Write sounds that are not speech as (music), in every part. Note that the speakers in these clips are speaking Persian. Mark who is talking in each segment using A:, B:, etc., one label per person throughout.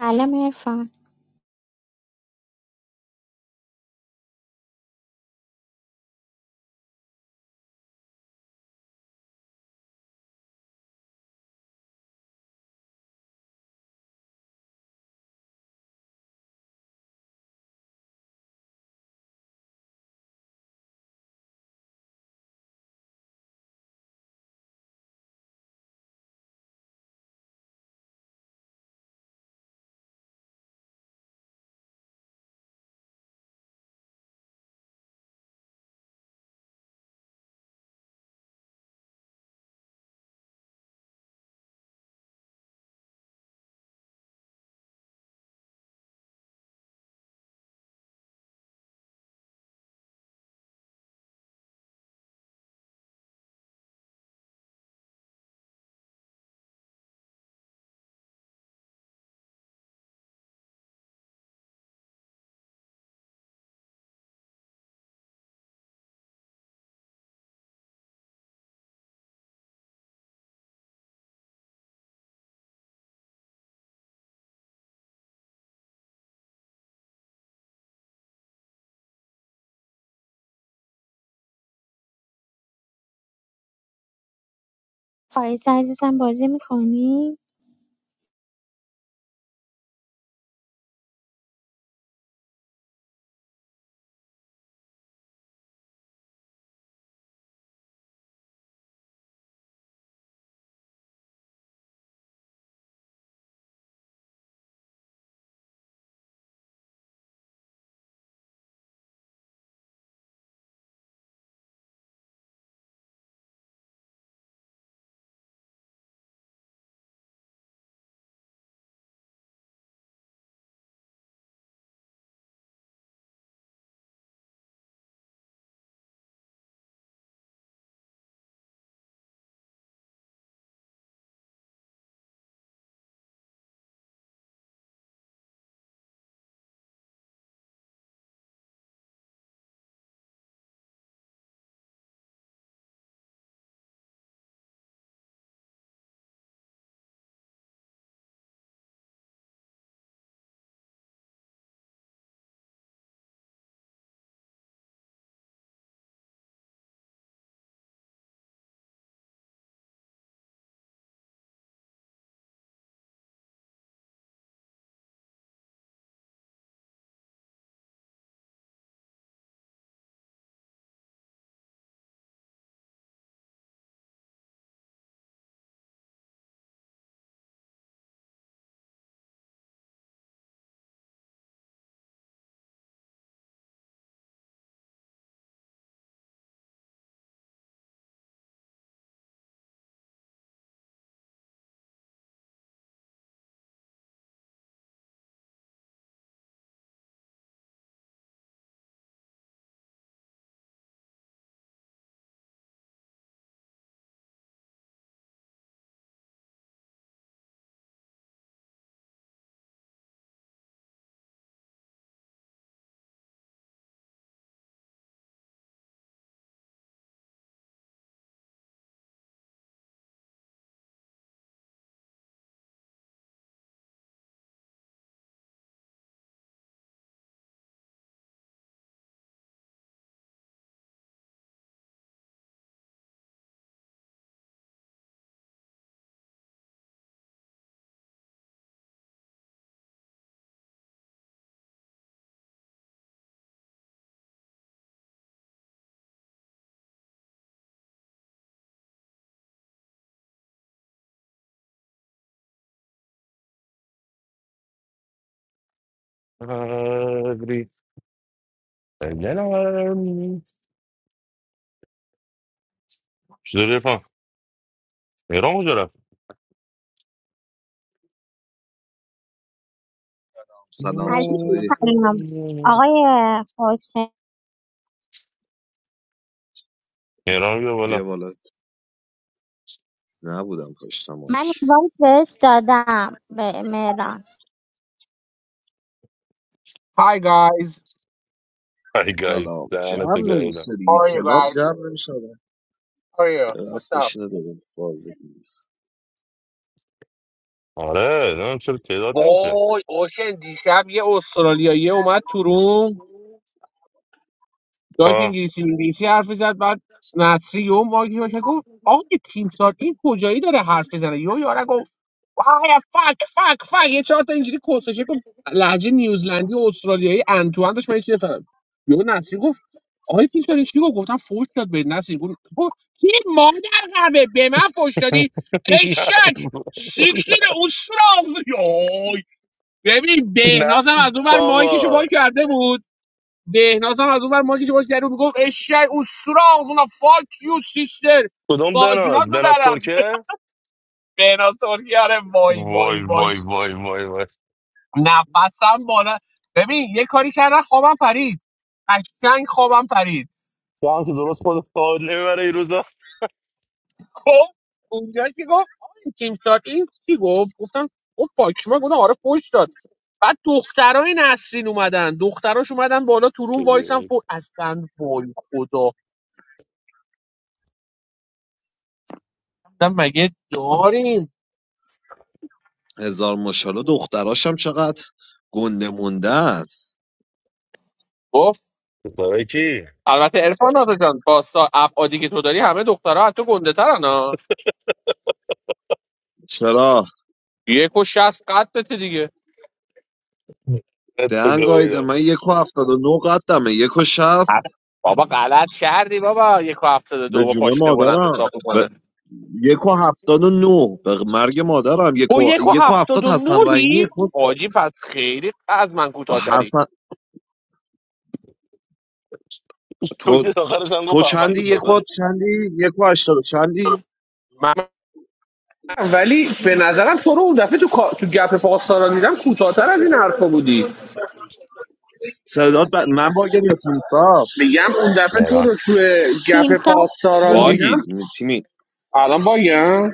A: Hello, my friend. How is your business going?
B: آبری. دلم. چطوری رفیقم؟ مهران کجا رفت
C: سلام
A: Are you
C: چطوری؟
A: studying? Oh yeah, course. I'm
B: مهران رو بیا بالا
C: بیا بالا نبودم پشت مایک
A: involved with the
D: Hi guys,
B: ای گاید
C: سلام
B: دهنتو
C: جمع
B: گاییدم
C: نمیشه
D: how
C: دیگه
D: are you
C: کلاب
D: guys?
C: جمع نمیشه
D: How are you? What's
C: دست
D: up?
C: بشینه داریم بازی کنیم.
B: آره نمیدونم چرا تعداد نمیشه
D: وای اوشن دیشب یه استرالیایی اومد تو روم داشت
B: آه.
D: انگلیسی انگلیسی حرف زد بعد نصری یهو ماگی باشه گفت آقا یه تیم سار این کجایی داره حرف بزنه یهو یارو آیا فک فک فک یه چهار تا اینجوری کسکشه گفت لهجه نیوزلندی و استرالیایی انتوان داشت من چی نفهمم یهو نسرین گفت آقای پیتر چی گفت گفتم فوش داد به نسرین گفت گفت چی مادر قبه به من فوش دادی
B: (laughs)
D: اشک سیکتیر استرال یای ببین
B: نه نه
D: بهنازم از اون ور مایکشو باز
B: بابا
D: کرده بود بهنازم از اون ور مایکشو باز کرده بود میگفت اشک استرال اونا فاک یو سیستر
B: کدوم
D: بازونات
B: بناد
D: رو
B: بناد
D: درم
B: ترکه
D: بهناز ترکیه آره وای وای
B: وای
D: وای
B: وای وای وای وای
D: نفسم بالا ببین یه کاری کردن خوابم پرید قشنگ خوابم پرید
B: تو هم که درست خود خود نمیبره این روزا
D: خب اونجا که گفت آه، این تیم سار این چی گفت گفتم گفت پاکشما گفتم آره فوش داد بعد دخترای نسرین اومدن دختراش اومدن بالا تو روم وایسن
B: دیگه.
D: فو اصلا وای خدا گفتم مگه داریم
C: هزار ماشاءالله دختراشم چقدر گنده موندن
D: گفت
B: پسرکی
D: البته عرفان آقا جان با سا- ابعادی که تو داری همه دخترها از تو گنده ترن
C: چرا؟
D: یک و شست قدرت دیگه
B: تو (laughs)
C: دهنگ آیده من
B: گاییدم
C: یک و هفتاد و نو قدمه یک و شست
D: بابا غلط کردی بابا یک و هفتاد و
C: به
D: دو با
C: جون
D: پاشنه بلند
C: مادرم
D: حساب
C: به
D: کنه
C: یک و هفتاد و نو به مرگ مادرم یک
D: با
C: و,
D: یک و
C: یک و
D: هفتاد
C: هفتاد
D: و
C: حسن رحیمی
D: نوری
C: یک و
D: آجی پس خیلی از من کوتاهتری
C: حسن
B: تو
C: تو
B: که آخرش هم گفت
C: تو
B: من
C: چندی یک و
B: داداش
C: چندی یک و هشتاد و چندی
D: من ولی به نظرم تو رو اون دفعه تو کا- تو گپ پاسداران دیدم کوتاهتر از این حرفا بودی
C: صدات ب... من باگم یا تیم ساب
D: میگم اون دفعه تو
B: مهران
D: رو تو گپ
A: team. So,
D: پاسداران
C: باگید
D: دیدم
C: تیمی
D: الان باگم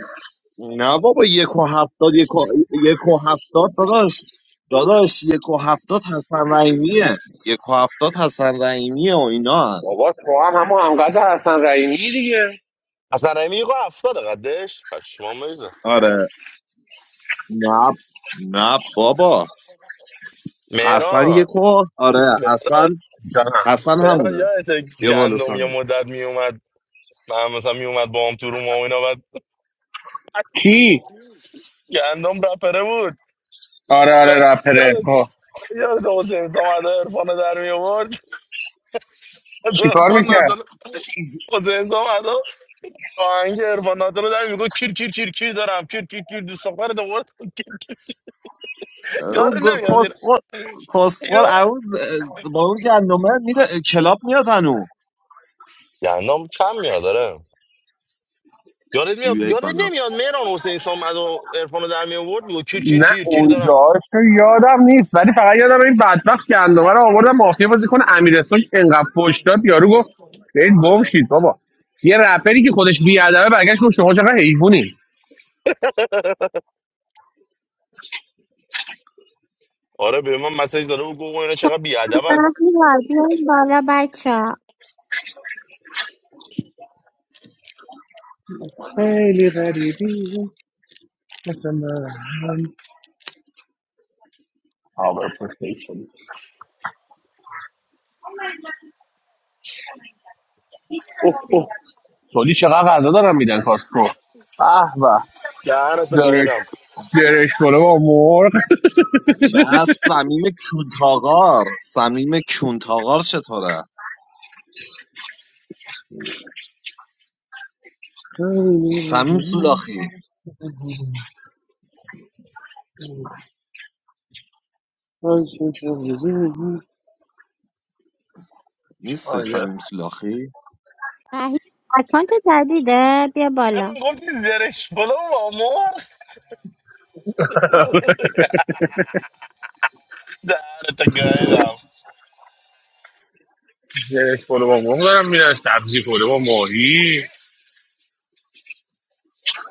C: نه بابا یک و هفتاد یک و, یک و هفتاد داداش داداش یک و هفتاد حسن رحیمیه یک و هفتاد حسن رحیمیه و اینا هن.
D: بابا تو هم همون همقدر حسن رحیمی دیگه
B: اصلا رحیمی گفت افتاده قدش پشمان بریزه
C: آره نه نه بابا حسن
B: مهران
C: یک و آره
B: مهران
C: حسن
D: جانم
C: حسن
B: مهران
C: همونه
B: یادت
C: بیا بالا
B: گندم یه
C: سامی
B: مدت میومد من مثلا میومد با هم تو روم و اینا بعد
D: کی
B: گندم رپره بود
D: آره آره
B: بعد
D: رپره
B: یادت
D: خب
B: یادت حسین سامد عرفان رو در میورد
D: چیکار
B: عرفان
D: میکرد
B: ناتالو حسین سامد آهنگ عرفان ناتالو در میگو کیر کیر کیر کیر دارم کیر کیر کیر دوست دختر دوورد کیر کیر یادت
C: اون گ-
B: نمیاد
C: کسخل
B: اینا
C: کسخل اون ز- با اون گندمه میره کلاب میاد هنو
B: گندم کم میاد داره یادت میاد
C: بیایید
B: یادت
C: بالا.
B: نمیاد مهران حسین سام و عرفان رو در می آورد و کیر کیر
D: نه
B: کیر کیر دارم
D: اونجاش که یادم نیست ولی فقط یادم این بدبخت گندمه رو آوردم مافیا بازی کنه امیرستون که انقدر فوش داد یارو گفت برید گم شید بابا یه رپری که خودش بیادبه برگشت گفت شما چقدر حیوانی
B: آره به من مسیج داره و گوگو اینا
A: should
B: چقدر بیادبن
A: I be a baller boy?
D: خیلی غریبی مثل من آبر پرسید شدی اوه اوه سولی چقدر غذا دارم میدن کاسکو به به
B: دهنتو
D: درش
B: گایدم
D: درش کنه با مرغ
C: بس سمیم کونتاغار سمیم کونتاغار چطوره سمیم سولاخی
D: (laughs)
C: نیستش
D: آره
C: سمیم سولاخی
A: Yeah, I can't decide. Be a baller.
B: مهران گفتی زرش بالا و آمار دهنتو گایدم
D: یک پلو با مرغ دارم میرن سبزی پلو با ماهی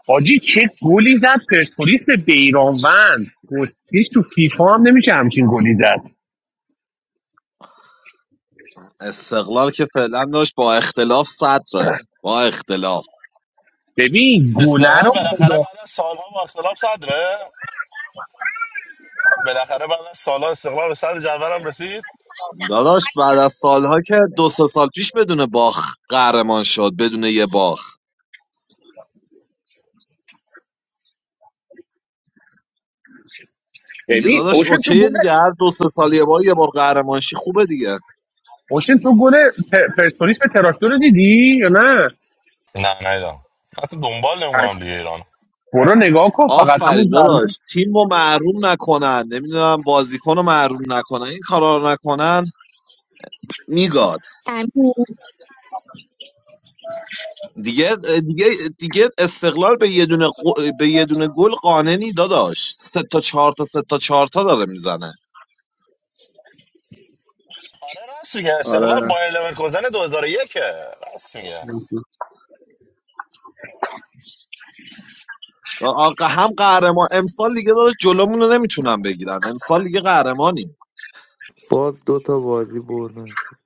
D: حاجی چه گلی زد پرسپولیس به بیرانوند پرسپولیس تو فیفا هم نمیشه همچین گلی زد
C: استقلال که فعلا داشت با اختلاف صدره با اختلاف
D: ببین گله
B: استقلال
D: رو
B: بالاخره
D: خدا
B: بعد از سالها با اختلاف صدره بالاخره بعد از سالها استقلال به صدر جدولم رسید
C: داداش بعد از سالها که دو سه سال پیش بدون باخ قهرمان شد بدون یه باخ دیگه
D: ببین
C: داداش
D: اوشن تو
C: اوکیه
D: گله
C: دیگه هر دو سه سال یه بار یه بار قهرمانشی خوبه دیگه
D: اوشن تو گله پ- پرسپولیس به تراکتور رو دیدی یا نه
B: نه نیدم حتی دنبال نمیکنم دیگه
D: هشت.
B: ایران
D: برو نگاه کن فقط همون
C: آفرین
D: ضربه
C: داداش تیم رو محروم نکنن نمیدونم بازیکن رو محروم نکنن این کارا رو نکنن میگاد
A: I'm not
C: دیگه دیگه دیگه استقلال به یه دونه قو- به یه دونه گل قانونی داداش سه تا چهار تا سه تا چهار تا داره میزنه
B: آره راست میگه استقلال
D: آره
B: بایر لورکوزن 2001 راست میگه
C: آقا هم قهرمان امسال دیگه داداش جلومون رو نمیتونن بگیرن امسال دیگه قهرمانیم
E: باز دوتا بازی بردن شد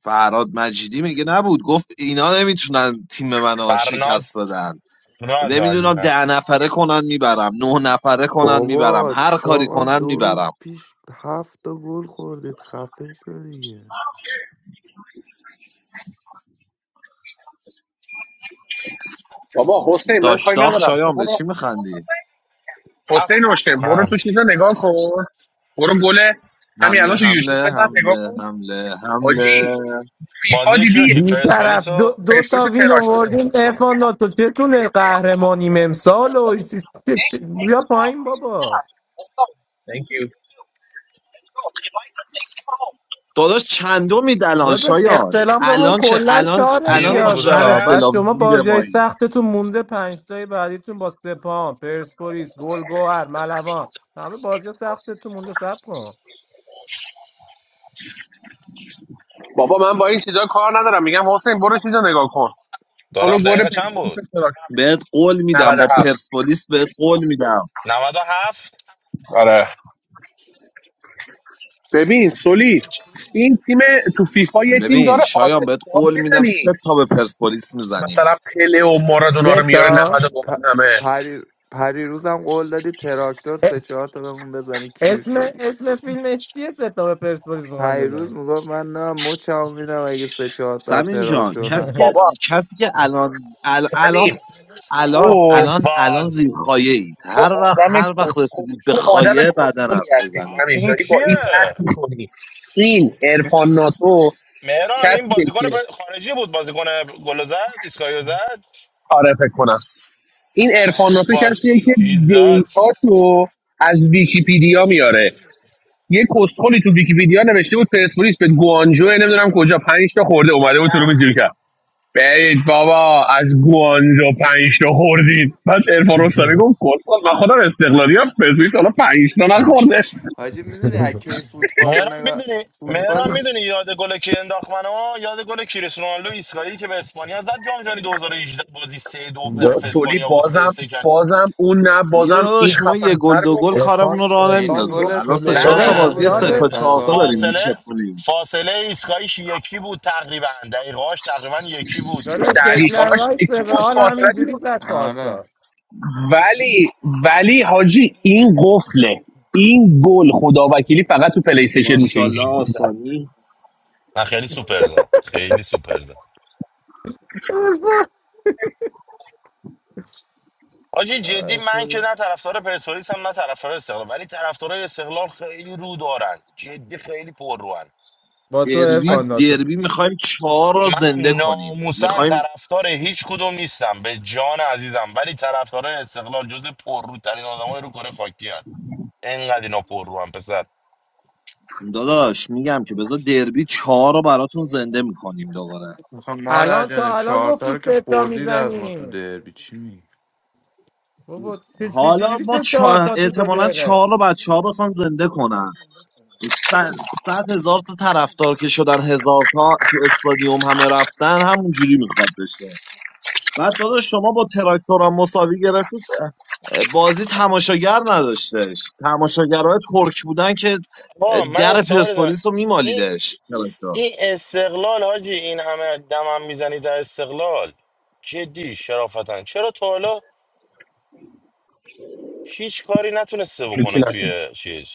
C: فراد مجیدی میگه نبود گفت اینا نمیتونن تیم منو شکست
B: فرناز
C: بدن
B: نه
C: نمیدونم
B: عالیه
C: ده نفره کنن میبرم نه نفره کنن میبرم
E: بابا
C: هر کاری
E: چاقال
C: کنن
E: دو روز
C: میبرم
E: پیش هفت تا گل خوردید خفه شو دیگه
D: بابا حسین من کاری
C: داشتاخ
D: ندارم تو
C: شایان به
D: برو
C: چی میخندی
B: هفت
D: حسین اوشن برو
B: آه.
D: تو چیزا نگاه کن برو گله همین الان
C: حمله
D: تو یوتیوب
C: حمله
D: بزن نگاه
C: حمله
D: کن
C: حمله حمله
D: حاجی فیفا
B: بازی کیو
D: دیدی
B: کی پرسپولیس
F: بیطرف دو,
B: رو
F: دو
D: پرسپولیس
F: تا وین
D: تراکتور بود.
F: آوردیم ارفان ناتو چتونه قهرمانیم امسال و چ- چ- چ- بیا پایین بابا
D: Thank you.
C: داداش چندمی الان
F: داداش
C: شایان
F: اختلافمون
C: الان چه
F: کلا
C: الان
F: چهار
C: الان
B: دیروز
C: با
B: بود
C: چند
F: امتیازا بس
B: داره
C: اختلاف
F: شما
C: زیر
F: بازی های
C: مایی
F: سختتون مونده پنجتای بعدیتون با سپان پرسپولیس گلگوهر ملوان همه بازی سختتون مونده سب کن
D: بابا من با این چیزا کار ندارم میگم حسین برو چیزا نگاه کن برو
B: دارم
D: گل
B: دقیقه چند
D: پرسپولیس
B: بود
D: تراکتور
C: بهت قول میدم با
D: 97
C: پرسپولیس بهت قول میدم
B: نود و هفت.
D: آره ببین سولی این تیم تو فیفا یه تیم
C: ببین
D: داره آل
C: شایان بهت
D: استار
C: قول میدم
D: میزنی
C: سه تا به پرسپولیس میزنیم
D: مثلا پله و مارادونا رو
F: سه
D: میاره
F: تا
E: پ-
D: 99 همه
E: پری پریروز هم قول دادی تراکتور
F: ا-
E: سه چهار تا بهمون بزنه کیر
F: اسم
E: شدی
F: اسم فیلم چیه سه تا به پرسپولیس میخواین
E: پریروز
F: بزنیم
E: میگفت من نه مچم میدم اگه سه چهار تا
C: سمین جان
E: تراکتور
C: کسی که
F: (laughs)
E: نخورید
D: بابا
C: کسی که الان ال- الان
D: سمیم
C: الان
D: تو
C: الان الان
B: بالفاز
C: زیر خایه اید
D: تو
C: هر وقت
D: آدم
C: هر وقت
D: کسخلی
C: رسیدید به
D: تو آدم
C: خایه بعدا
D: کسخلی
C: حرف
D: هستی
C: بزنید
D: سمیم
B: این
D: داری با این بحث
B: کیه
D: میکنی این ارفان ناتو
B: مهران این
D: کسیه
B: بازیکن
D: که
B: پر- خارجی بود بازیکن گل زد اسکایو زد
D: آره فکر کنم این ارفان ناتو
B: بالفاز
D: کسیه که
B: چی زد
D: دیتاتو از ویکیپیدیا میاره یه کستخلی تو ویکیپیدیا نوشته بود پرسپولیس به گوانجو نمیدونم کجا پنج تا خورده اومده بود تو رو جوری کرد برید بابا از گوانجو پنج تا خوردید بعد ارفان رستمی گفت کستخل من خودم استقلالی هم پرسپولیس حالا پنج تا نخورده
E: حاجی میدونی اکی فوتبال رو
B: مهران
E: نگاه
B: میدونی مهران
E: فوتبال
B: میدونی یاد گل کی انداخت منو یاد گل کریستیانو رونالدو اسکایی که به اسپانیا زد جام جهانی 2018 بازی سه دو به
D: با
B: نفع
F: د-
D: سولی
B: اسپانیا بود سه
D: بازم
B: سه 3
D: بازم اون نه
C: دیگه
D: بازم این
C: داداش ما یه گل
D: خفن‌تر
C: دو گل
D: بود
C: کارمون
G: Efan,
C: رو راه
E: عین
G: Efan, he
C: نمیندازه
G: says,
E: گل
C: الان سه
B: نه
C: چهار
G: Tolomee
C: تا
F: داداش
E: دکلر
G: didn't
C: بازی
E: بود
F: یاد
C: سه
G: know
C: تا
G: about
E: به
B: نه
E: از
C: چهار
G: this
C: تا داریم
G: character.
E: آرسنال
B: فاصله
C: میچپونیم
B: فاصله ایستگاهیش یکی بود تقریبا دقیقاش تقریبا یکی بود
F: داداش
B: خیلی
D: دقیقه
B: خفم
F: دکلن
B: بود
D: هاش
F: رایت به
D: یکی بود
F: رئال
D: فاصله
F: همینجوری زد
E: آره
F: پارسا
D: ولی ولی حاجی این قفله این گل خدا وکیلی فقط تو پلی استیشن میشه اینجوری
C: ماشاءالله
D: گل زد
C: آسانی
B: من خیلی سوپر زد خیلی سوپر زد
F: (laughs)
B: حاجی جدی
F: آی
B: من که
F: خدا.
B: نه طرفدار پرسپولیس هم نه طرفدار استقلال ولی طرفدارای استقلال خیلی رو دارن جدی خیلی پر روان
F: با تو
B: من
C: دربی
F: افان ناتو
C: دربی میخوایم چهار رو
B: من
C: زنده کنیم
B: ناموسن
C: میخوایم
B: طرفدار هیچ کدوم نیستم به جان عزیزم ولی طرفدارای استقلال جز پرروترین آدمای رو کره خاکی هستن انقدر اینا پر رو پسر
C: داداش میگم که بذار دربی چهار رو براتون زنده میکنیم دوباره
E: میخوام مادر
F: الان
E: جان
F: تا الان
E: چهار تا
F: گفتی
E: رو که
F: سه تا
E: خوردید از ما تو
F: میزنی
E: دربی چی میگی
F: بابا چه- چه-
C: حالا
F: چجوری
C: ما
F: شد چهار
C: چا...
F: تا تو دو
C: احتمالا
F: دقیقه
C: چهار رو بچه ها بخوان زنده کنن س- صد هزار تا طرفدار که شدن هزار تا تو استادیوم همه رفتن همونجوری میخواد بشه بعد داداش شما با تراکتورم مساوی گرفتید بازی تماشاگر نداشتش تماشاگرهای ترک بودن که
B: آه من یه
C: در
B: سوالی دارم
C: پرسپولیس رو
B: این
C: میمالیدش تراکتور
B: این استقلال حاجی این همه دمم میزنی در استقلال جدی شرافتن چرا تا حالا هیچ کاری نتونسته
D: هیچی
B: بکنه
D: نشد.
B: توی چیز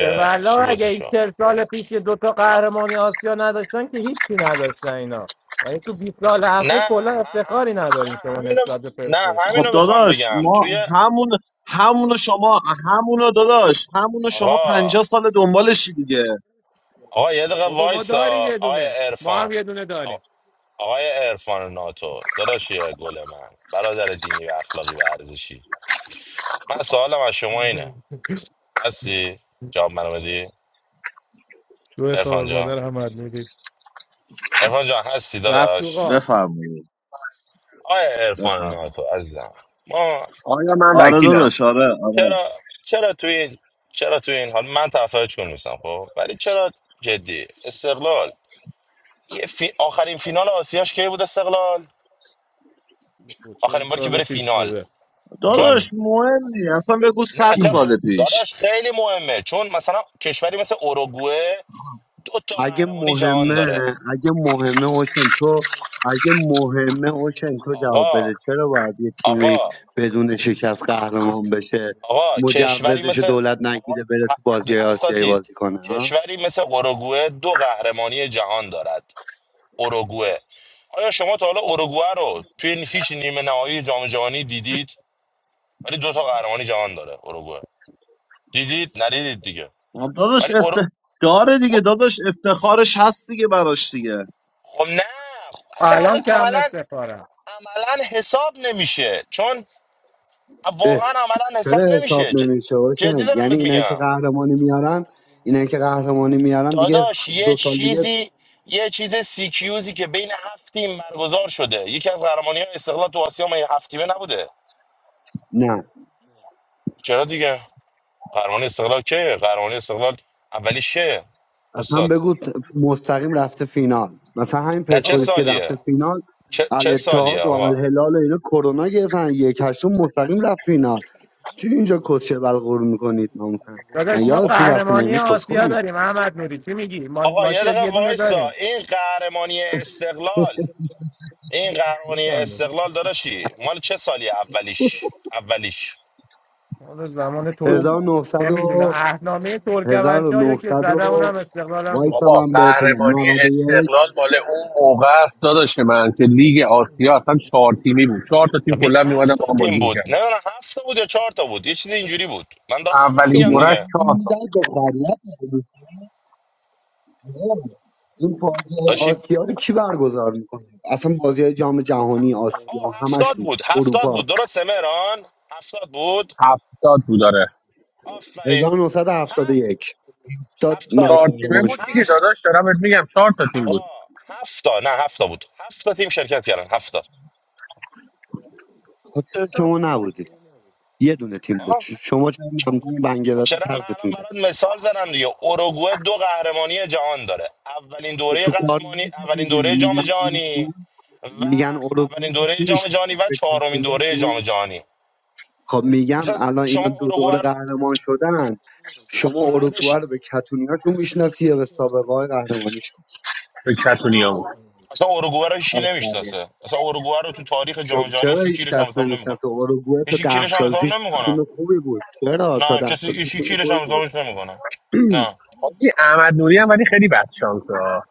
F: به والا
B: بگو
F: اگه این
B: اسمشو
F: چهل سال پیش یه دوتا قهرمانی آسیا نداشتن که هیچی نداشتن اینا یعنی تو 20 سال اخیر
B: نه
F: کلا
B: ه- ه-
F: افتخاری
B: نه
F: ندارین شما
B: همینو
F: نسبت به
B: نه
F: پرسپولیس
C: خب
B: همینو میخوام
C: داداش
B: بگم
C: ما
B: توی
C: همون همونو شما همونو داداش همونو شما
B: آقا
C: پنجاه سال دنبالشی دیگه
B: آقا یه دقیقه
F: بابا ما داریم
B: وایسا
F: یه
B: آقای
F: دونه ما هم
B: عرفان
F: یه دونه
B: آ-
F: داریم (laughs)
B: آقای عرفان ناتو داداش گل من برادر دینی و اخلاقی و ارزشی من سوالم از شما اینه هستی جواب منو بدی
F: دو خبر
B: ارفان
F: مادر
B: جان
F: هم میدیم
B: ارفان جان هستی
F: رفت تو
B: داداش
F: غار.
C: بفرمایید
B: آیا ارفان
C: بفرمایید
B: ناتو عزیزم ما
D: آیا من
C: آره
D: وکیلم
C: داداش آره آره
B: چرا چرا توی این چرا توی این حال من طرفدار چون نیستم خب ولی چرا جدی استقلال یه فی... آخرین فینال آسیاش کی بود استقلال
F: بود. چهل
B: آخرین باری که
F: سال
B: بره
F: پیش
B: فینال
F: بوده
B: چون
F: نمی‌دونم.
C: داداش مهم نی اصلا بگو
B: نه
C: 100
B: چرا خ...
C: سال پیش
B: داداش خیلی مهمه چون مثلا کشوری مثل اوروگوئه دو تا
H: اگه
B: قهرمانی جهان داره
H: مهمه اگه مهمه اوشن تو اگه مهمه اوشن تو جواب
B: آقا
H: بده چرا باید یه تیمی
B: آقا
H: بدون شکست قهرمان بشه
B: آقا کشوری
H: مجوزش
B: مثل
H: دولت
B: آقا،
H: نگیره بره تو
B: ه-
H: بازی آسیایی
B: اساتید
H: بازی کنه ها
B: کشوری مثل اوروگوئه دو قهرمانی جهان دارد اوروگوئه آیا شما تا حالا اوروگوئه رو توی این هیچ نیمه نهایی جام جهانی دیدید ولی دو تا قهرمانی جهان داره اوروگوئه دیدید ندیدید دیگه
C: آه، داداش
B: ولی اورو...
C: افت داره دیگه
B: او-
C: داداش افتخارش هست دیگه براش دیگه
B: خب نه خب اصلا آخه
F: الان کم
B: عملا
F: افتخارم
B: عملا حساب نمیشه چون
H: اه،
B: واقعا عملا حساب
H: چرا
B: نمیشه
H: حساب
B: ج-
H: نمیشه
B: جدی
H: اوشن
B: دارم
H: یعنی
B: بهت
H: اینا که
B: میگم
H: قهرمانی میارن اینا که قهرمانی میارن دیگه
B: داداش یه
H: دو سال دیگه
B: چیزی یه چیز سیکیوزی که بین هفت تیم برگزار شده یکی از قهرمانی های استقلال تو آسیا ما یه هفت تیمه نبوده
H: نه
B: چرا دیگه قهرمانی استقلال کیه قهرمانی استقلال اولی شه
H: اصلا
B: استاد
H: بگو ت- مستقیم رفته فینال مثلا همین
B: نه چه
F: آقا
H: پرسپولیس که
F: تو
B: سالیه
H: رفته فینال
B: چه, چه سالیه
H: الاتحاد و
B: آقا
H: الهلال و اینا کرونا گرفتن یک هشتم مستقیم رفت فینال چی اینجا کسچه بلغور میکنید ناموسن من
F: داداش ما
H: یادتون
B: آقا
H: رفته من
F: قهرمانی
H: اینو کس
F: آسیا
H: خورید
F: داریم احمد نوری چی میگی ما,
B: آقا
F: ما
B: یه
F: که
B: دقیقه
F: یه دونه
B: وایسا
F: داریم
B: این قهرمانی استقلال این قهرمانی
F: میفهمی
B: استقلال داداشی مال چه سالیه اولیش اولیش
F: اون زمان ترکی
H: 1900
F: نمیدونه
H: و
F: اهنامه
H: 1900 و
F: ترکمنچا یا که
H: نهصد
F: زده
H: و
F: اونم استقلالم بود
H: وایسا
D: بابا
H: من بهت بگم
D: قهرمانی
H: 91
D: استقلال مال اون موقع است داداش من که لیگ آسیا اصلا چهار تیمی بود چهار تا تیم
B: می-
D: کلا میومدن
B: هفت تا
D: با هم
B: تیم
D: بازی
B: بود
D: میکردن
B: نمیدونم هفت تا بود یا چهار تا بود یه چیز اینجوری بود من دارم همینو
D: اولین
B: میگم
H: شما
D: دورش
B: دیگه
H: خودتون
D: چهار تا بود
H: میدید به خریت می‌کنید. این بازی
B: داشی
H: آسیا رو کی برگزار میکنه اصلا بازی جام جهانی
B: آه
H: آسیا
B: هفتاد
H: همشون
B: بود هفتاد
H: اروپا
B: بود درسته مهران هفتاد بود
D: هفتاد بود داره
B: آفرین هفت
H: 1971 تا
B: هفتاد
H: نایب
D: چهار تیمه
H: قهرمان
D: بود
H: شد
D: دیگه
B: هفت
D: داداش دارم بهت میگم چهار تا تیم بود
B: آقا هفت تا نه هفت تا بود هفت تا تیم شرکت کردن هفت
H: خود شما نبودید یه دونه تیم بود
B: تا
H: ش- شما چرا ممنون بنگلادش
B: چرا من الان
H: حذفتون کرد
B: برات مثال زدم دیگه اوروگوئه دو قهرمانی جهان داره اولین
H: خب
B: دوره
H: تو کار
B: قهرمانی
H: نداره که
B: اولین
H: دیگه
B: دوره جام
H: میگن
B: جهانی
H: اروگوئه
B: و
H: میگن
B: اولین
H: اروگوئه به کی
B: دوره جام
H: میشه
B: جهانی و
H: به
B: چهارمین دوره جام
H: کتونیاشون
B: جهانی
H: خب میگم
B: اصلا
H: الان اینا
B: شما
H: دو
B: اوروگوئه
H: دوره
B: رو-
H: قهرمان شدن
B: خب
H: شما
B: بعدش
H: اروگوئه رو به کتونیاشون میشناسی یا به سابقه های قهرمانیشون
D: به کتونیا بود
B: اصلا اوروگوئه رو هیچ کی
H: آفرین
B: نمیشناسه اصلا اوروگوئه رو تو تاریخ جام
H: شو-
B: جهانی هیچ
H: چرا
B: کی
H: هیچ
B: کیرش هم
H: کس
B: حساب نمیکنه
H: نمیشناسه اروگوئه
B: هیچ
H: تا
B: کی
H: ده
B: کیرش هم
H: سال
B: حساب
H: پیش تیم
B: نمیکنه
H: خوبی بود چرا تا
B: نه
H: ده
B: کسی
H: سال
B: هیچ
H: پیش
B: کی
H: تیم
B: کیرش
H: خوبی
B: هم
H: بود
B: حسابش نمیکنه
H: (clears throat)
B: نه
D: حاجی احمد نوری هم ولی خیلی بد شانسه ها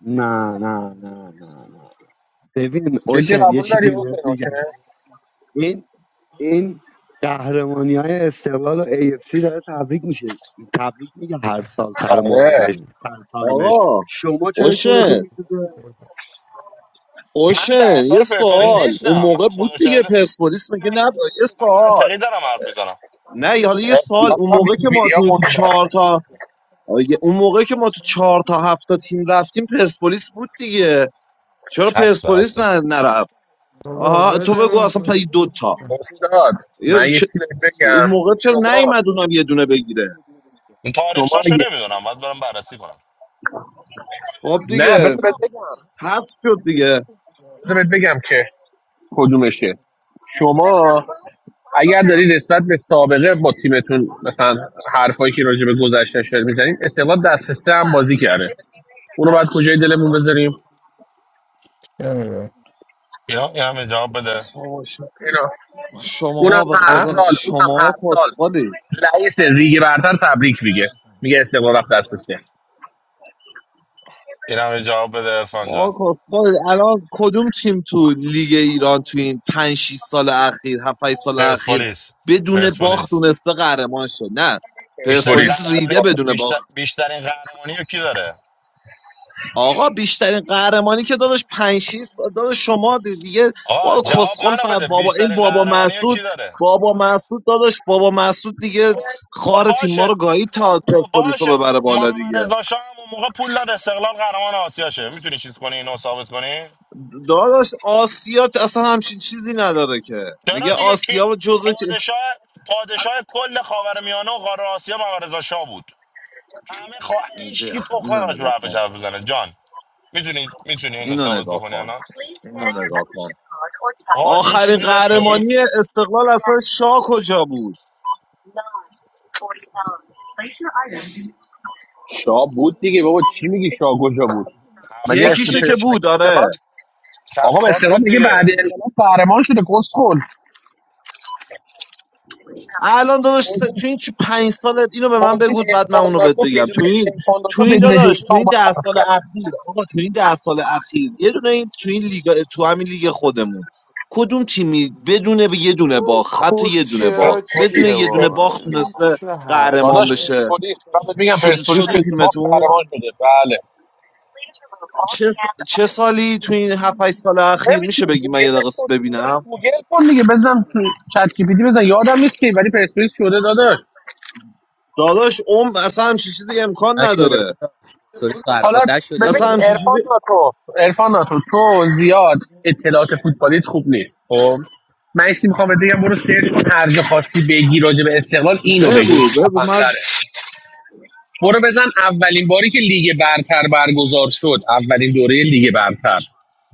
H: نه نه نه نه نه ببین
D: جدی
H: اوشن یه
D: قبول داری
H: چیزی
D: اون
H: بهت
D: فنوشه
H: میگم این این قهرمانی های استقلال و AFC داره تبریک میشه تبریک میگه هر سال سر
D: آره
H: موردش سر تایمش
C: آقا
H: شما چرا
C: اوشن
H: چونتون میسوزه
B: من
C: اوشن یه
B: طرفدار پرسپولیس
F: این
C: سوال اون
B: نیستم
C: موقع
B: من
C: بود
B: خدا
C: دیگه
B: شاهده
C: پرسپولیس
B: من
C: میگه نه یه
B: من
C: سوال
B: منطقی دارم حرف میزنم
C: نه حالا یه سوال اون
D: ارتباطات هم
C: موقع که ما
D: ویکیپیدیا
C: تو
D: قول
C: چهار تا آگه- اون موقع که ما تو چهار تا هفت تا تیم رفتیم پرسپولیس بود دیگه چرا
B: هفته
C: پرسپولیس
B: هفته
C: ن- نرفت
F: بابا
C: آها تو بگو
F: ولمون
C: اصلا
F: کن.
C: پای دو تا
D: استاد
C: یه
D: من یه
C: چه-
D: چیزی بهت
C: اون
D: بگم
C: موقع چرا
D: شما
C: نیومد اونم یه دونه بگیره
B: این
D: شما
B: تاریخچه‌شو
D: اگه
B: نمیدونم باید برم بررسی کنم
C: خب
D: نه
C: دیگه
D: بذار بهت بگم
C: حذف شد دیگه
D: بذار بهت بگم که کدومشه شما اگر داری نسبت به سابقه با تیمتون مثلا حرفایی که راجع به گذشته شده میزنین استقلال دست سه هم بازی کرده اونو باید کجای دلمون بذاریم
F: چه می‌دونم.
B: اینا این هم جواب بده
D: اینا اونم
C: شما به
D: هر
F: اه؟
C: خدا
D: سال اونم هر
C: شما
D: سال
C: کسخالید
D: رئیس ریگ برتر تبریک میگه میگه استقلال رفت دست سه
B: این هم جواب بده عرفان جان
C: شما کسخالید الان کدوم تیم تو لیگ ایران تو این پنج 6 سال اخیر 7 8 سال اخیر
B: پرسپولیس
C: بدون باخت
B: پرسپولیس
C: تونسته قهرمان شد نه
B: بیشترین
C: پرسپولیس
D: پرسپولیس
C: ریده
B: قهرمانی
C: بدون
B: بیشتر
C: باخت
B: بیشترین قهرمانی رو کی داره
C: آقا بیشترین قهرمانی که داداش پنج 6 سال داداش شما دیگه
B: آقا
C: بارو
B: جواب
C: کسخل ف...
B: منو بده
C: بابا این
B: بیشترین
C: بابا
B: قهرمانی رو کی
C: مسعود
B: داره
C: بابا مسعود داداش بابا مسعود دیگه
B: خب خب
C: خار تیم ما رو
B: باشه
C: گایید
B: خب
C: تا
B: خب
C: پرسپولیس رو
B: باشه
C: ببره بالا
B: محمد
C: دیگه
B: رضا شاه هم اون موقع پول داد استقلال قهرمان آسیا شه میتونی چیز کنی اینو ثابت کنی
C: داداش آسیا اصلا همچین چیزی نداره که
B: چرا
C: میگه
B: دیگه کی
C: آسیا جزو چی-
B: پادشاه پادشاه کل خاورمیانه و قاره آسیا محمد رضا شاه بود همه خوا... هیچ کی
C: بیا،
B: تخمه
C: اینو
B: راجع به
C: نگاه
B: حرفش
C: کن
B: بزنه جان میتونی میتونی اینو
C: اینو
B: ثابت
C: نگاه
B: بکنی
C: کن
B: الان آقا
C: اینو
B: حرف-
C: نگاه کن
B: آقا، یه
C: آخرین
B: چیزی داری میگی
C: قهرمانی استقلال اصلا شاه کجا بود
D: شاه بود دیگه بابا چی میگی شاه کجا بود مگه
B: هفتاد
D: اسم
C: یکیشو
D: پ...
C: که
B: یکی
C: بود
D: مگه
C: آره
D: استقلال آقا
B: هفتاد
D: استقلال
B: بود
D: میگه بعد
B: دیگه
D: انقلاب قهرمان شده کس خل
C: الان داداش س- تو این چی پنج سالت اینو به من
D: خودش
C: بگو بعد من
D: انسان
C: اونو بهت
D: ناتو
C: بگم تو
D: بدون
C: این
D: انسان
C: تو
D: ناتو
C: این
D: بدون
C: داداش تو
D: دیتا
C: این
D: اومد
C: ده
D: حرف
C: سال
D: کرد
C: اخیر آقا تو این ده سال اخیر یه دونه این تو این لیگ تو همین لیگ خودمون کدوم تیمی بدون یه دونه باخت حتی یه
E: کس
C: دونه
E: شعرها
C: باخت بدون
D: پرسپولیس
E: چیه
C: یه دونه
E: واقعا
C: باخت
D: پرسپولیس
E: این
C: تونسته
E: چه حرفی
C: قهرمان
D: داداش
E: است
C: بشه
D: پرسپولیس من بهت میگم
C: شو-
D: پرسپولیس
C: شده
D: بدون باخت
C: تیمتون
D: قهرمان شده بله
C: چه, س- چه سالی تو این 7 8 سال اخیر میشه
D: نمیتونه
C: بگی من یه
D: گوگلش
C: دقیقه
D: کن داداش
C: ببینم
D: گوگل کن دیگه بزن تو چت جی پی تی بزن یادم نیست که ولی پرسپولیس شده داداش
C: داداش عمر اصلا همچین چیزی امکان
I: I showed it.
C: نداره
I: So it's fair.
D: حالا
I: Or I showed it to you.
C: اصلا
D: ببین
I: It's
C: همچین
I: fair.
C: چیزی
D: ارفان ناتو ارفان ناتو تو زیاد اطلاعات فوتبالیت خوب نیست خب من ایشتی میخوام بهت بگم برو سرچ کن هر جا خواستی بگی راجع به استقلال اینو بگو این
C: بگو بگو من
D: خفن‌تره. برو بزن اولین باری که لیگ برتر برگزار شد اولین دوره لیگ برتر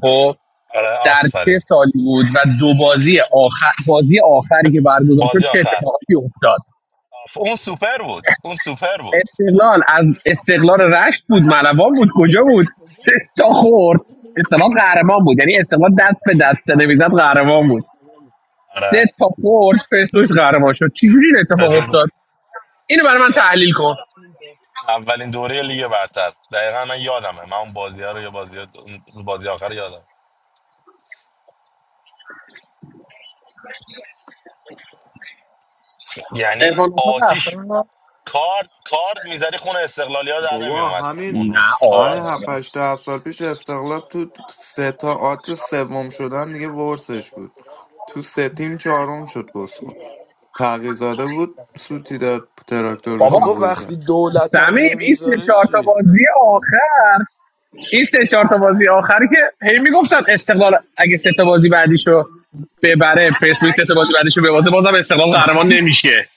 D: خب
B: آره
D: در چه
B: آفرین
D: سالی بود و دو بازی آخر بازی آخری که برگزار شد
B: بازی
D: چه
B: آخر
D: اتفاقاتی افتاد
B: آف- اون سوپر بود اون سوپر بود
D: استقلال از استقلال رشت بود ملوان بود کجا بود سه تا خورد استقلال قهرمان بود یعنی استقلال دست به دست نمیزد قهرمان بود سه
B: آره
D: تا خورد پرسپولیس قهرمان شد چجوری این اتفاق
B: پرسپولیس بود.
D: افتاد اینو برای من تحلیل کن
B: اولین دوره لیگ برتر دقیقا من یادمه من اون بازی ها رو یه بازی ها- اون بازی آخر رو یادم یعنی
D: ارفان
B: آتیش
D: رفت
B: کارد کارد میزدی خون استقلالی ها در نمی
E: بابا
B: اومد
E: همین
B: اون
D: نه
B: روز
E: همین
B: کارد
E: هفت
D: آره
E: هشت، ده سال پیش استقلال تو سه تا آت سوم شدن دیگه ورسش بود تو سه تیم چهارم شد گسخون تغییزاده بود سوتی داد تراکتور بهشون
D: بابا
J: آقا
E: گل
J: وقتی
E: زد
J: دولتم
D: سمیم این سه
J: نمیذاره
D: چهار تا
J: چی
D: بازی آخر این سه چهار تا بازی آخری که هی میگفتن استقلال اگه سه تا بازی بعدیشو ببره پرسپولیس سه تا بازی بعدیشو ببازه بازم استقلال قهرمان نمیشه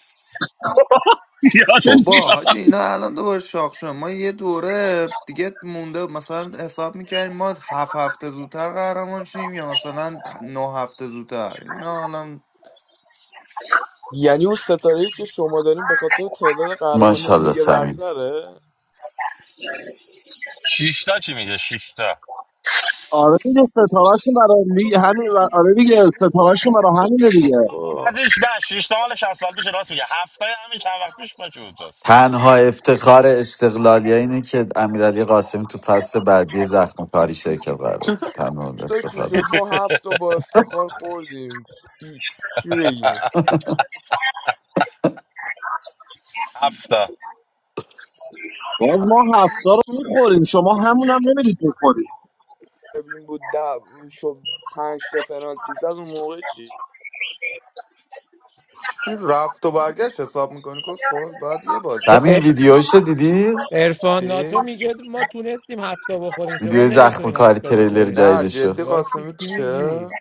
D: (laughs) یادت
E: بابا حاجی
D: میاد
E: اینا الان دوباره شاخ شدن ما یه دوره دیگه مونده مثلا حساب میکردیم ما هفت هفته زودتر قهرمان شیم یا مثلا نه هفته زودتر اینا الان
J: یعنی اون ستاره که شما داریم به خاطر تعداد قهرمانی
K: ماشاءالله
J: لیگ
K: سمیم
J: برتره
B: شیشتا چی میگه شیشتا
C: آره دیگه ستارهشون برای لیگ همین و- آره دیگه ستارهشون برای همینه دیگه
B: خب
J: آقا
B: بعدش نه شش تا مال 60 سال پیش راست میگه هفته همین چند وقت پیش من چی بود راست
K: تنها افتخار استقلالیه اینه که امیرعلی قاسمی تو فصل بعدی زخم کاری شرکت قراره کنه. تنها
J: تا چی
K: افتخار
J: شد
K: است
J: ما هفت تا با افتخار خوردیم ای... چی بگیم
B: هفته
C: باز ما هفتا رو میخوریم شما همون هم نمیرید بخورید
J: این بود ده شد پنج تا پنالتی زد اون موقع چی
E: چی رفت و برگشت حساب میکنی کس خود بعد یه بازی
K: سمیم
E: حساب
K: ویدیوشو دیدی
F: عرفان ناتو
E: چی؟
F: میگه ما تونستیم هفته بخوریم شما
K: ویدیو زخم
F: نمیتونین
K: کاری
F: هفته
K: تریلر
F: بخوریم
E: نه
K: جدیدشو
E: جدی
F: لاشی چی
E: قاسمی
F: چی میگی
E: توشه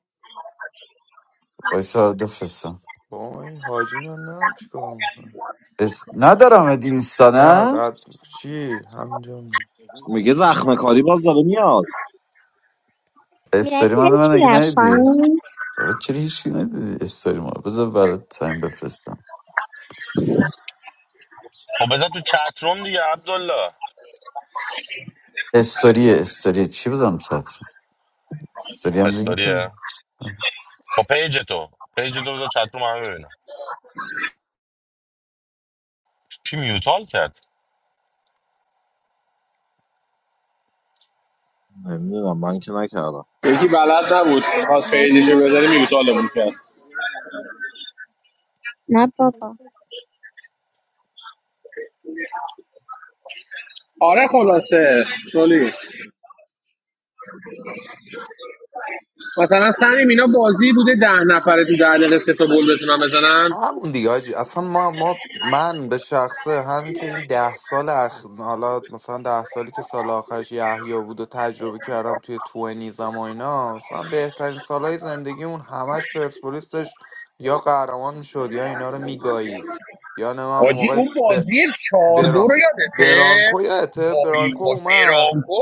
K: وایسا بفرستم
E: با این حاجی رو نه چیکار میکنه
K: اس... ندارم اد اینستا
E: نه
K: نه
E: داد چی همینجا
C: میگه زخم کاری باز داره میاد
K: استوری من من اگه
A: sure. My
K: ندیدی
A: friend,
K: بابا چرا هیچی ندیدی استوری ما بذار برات سمیم بفرستم
B: خب بذار تو چت روم دیگه عبدالله
K: استوری استوری چی بزنم چتر
B: آه،
K: استوری هم لینک داری؟
B: استوریه خب پیج تو پیج تو بذار چت روم همه ببینم کی میوتال کرد
C: نمیدونم من که نکردم
D: یکی بلد نبود خواست
A: I'm
D: پیجشو
A: not
D: بذاره
A: sure.
D: میوتالمون کرد
A: Not Papa.
D: آره خلاصه سولی مثلا سمیم اینا بازی بوده ده نفره تو ده دقیقه سه تا گل بتونن بزنن
E: همون دیگه حاجی اصلا ما ما من به شخصه همین که این ده سال اخ... حالا مثلا ده سالی که سال آخرش یحیی بود و تجربه کردم توی توئنیزم و اینا مثلا بهترین سالهای زندگیمون همش پرسپولیس داشت یا قهرمان میشد یا اینا رو میگایید یا نه من اون
D: حاجی
E: موقع
D: اون
E: ب...
D: بازی چهار دو
E: بران...
D: رو یادته
E: برانکو یادته
D: وای
E: برانکو
D: وای
E: اومد
D: برانکو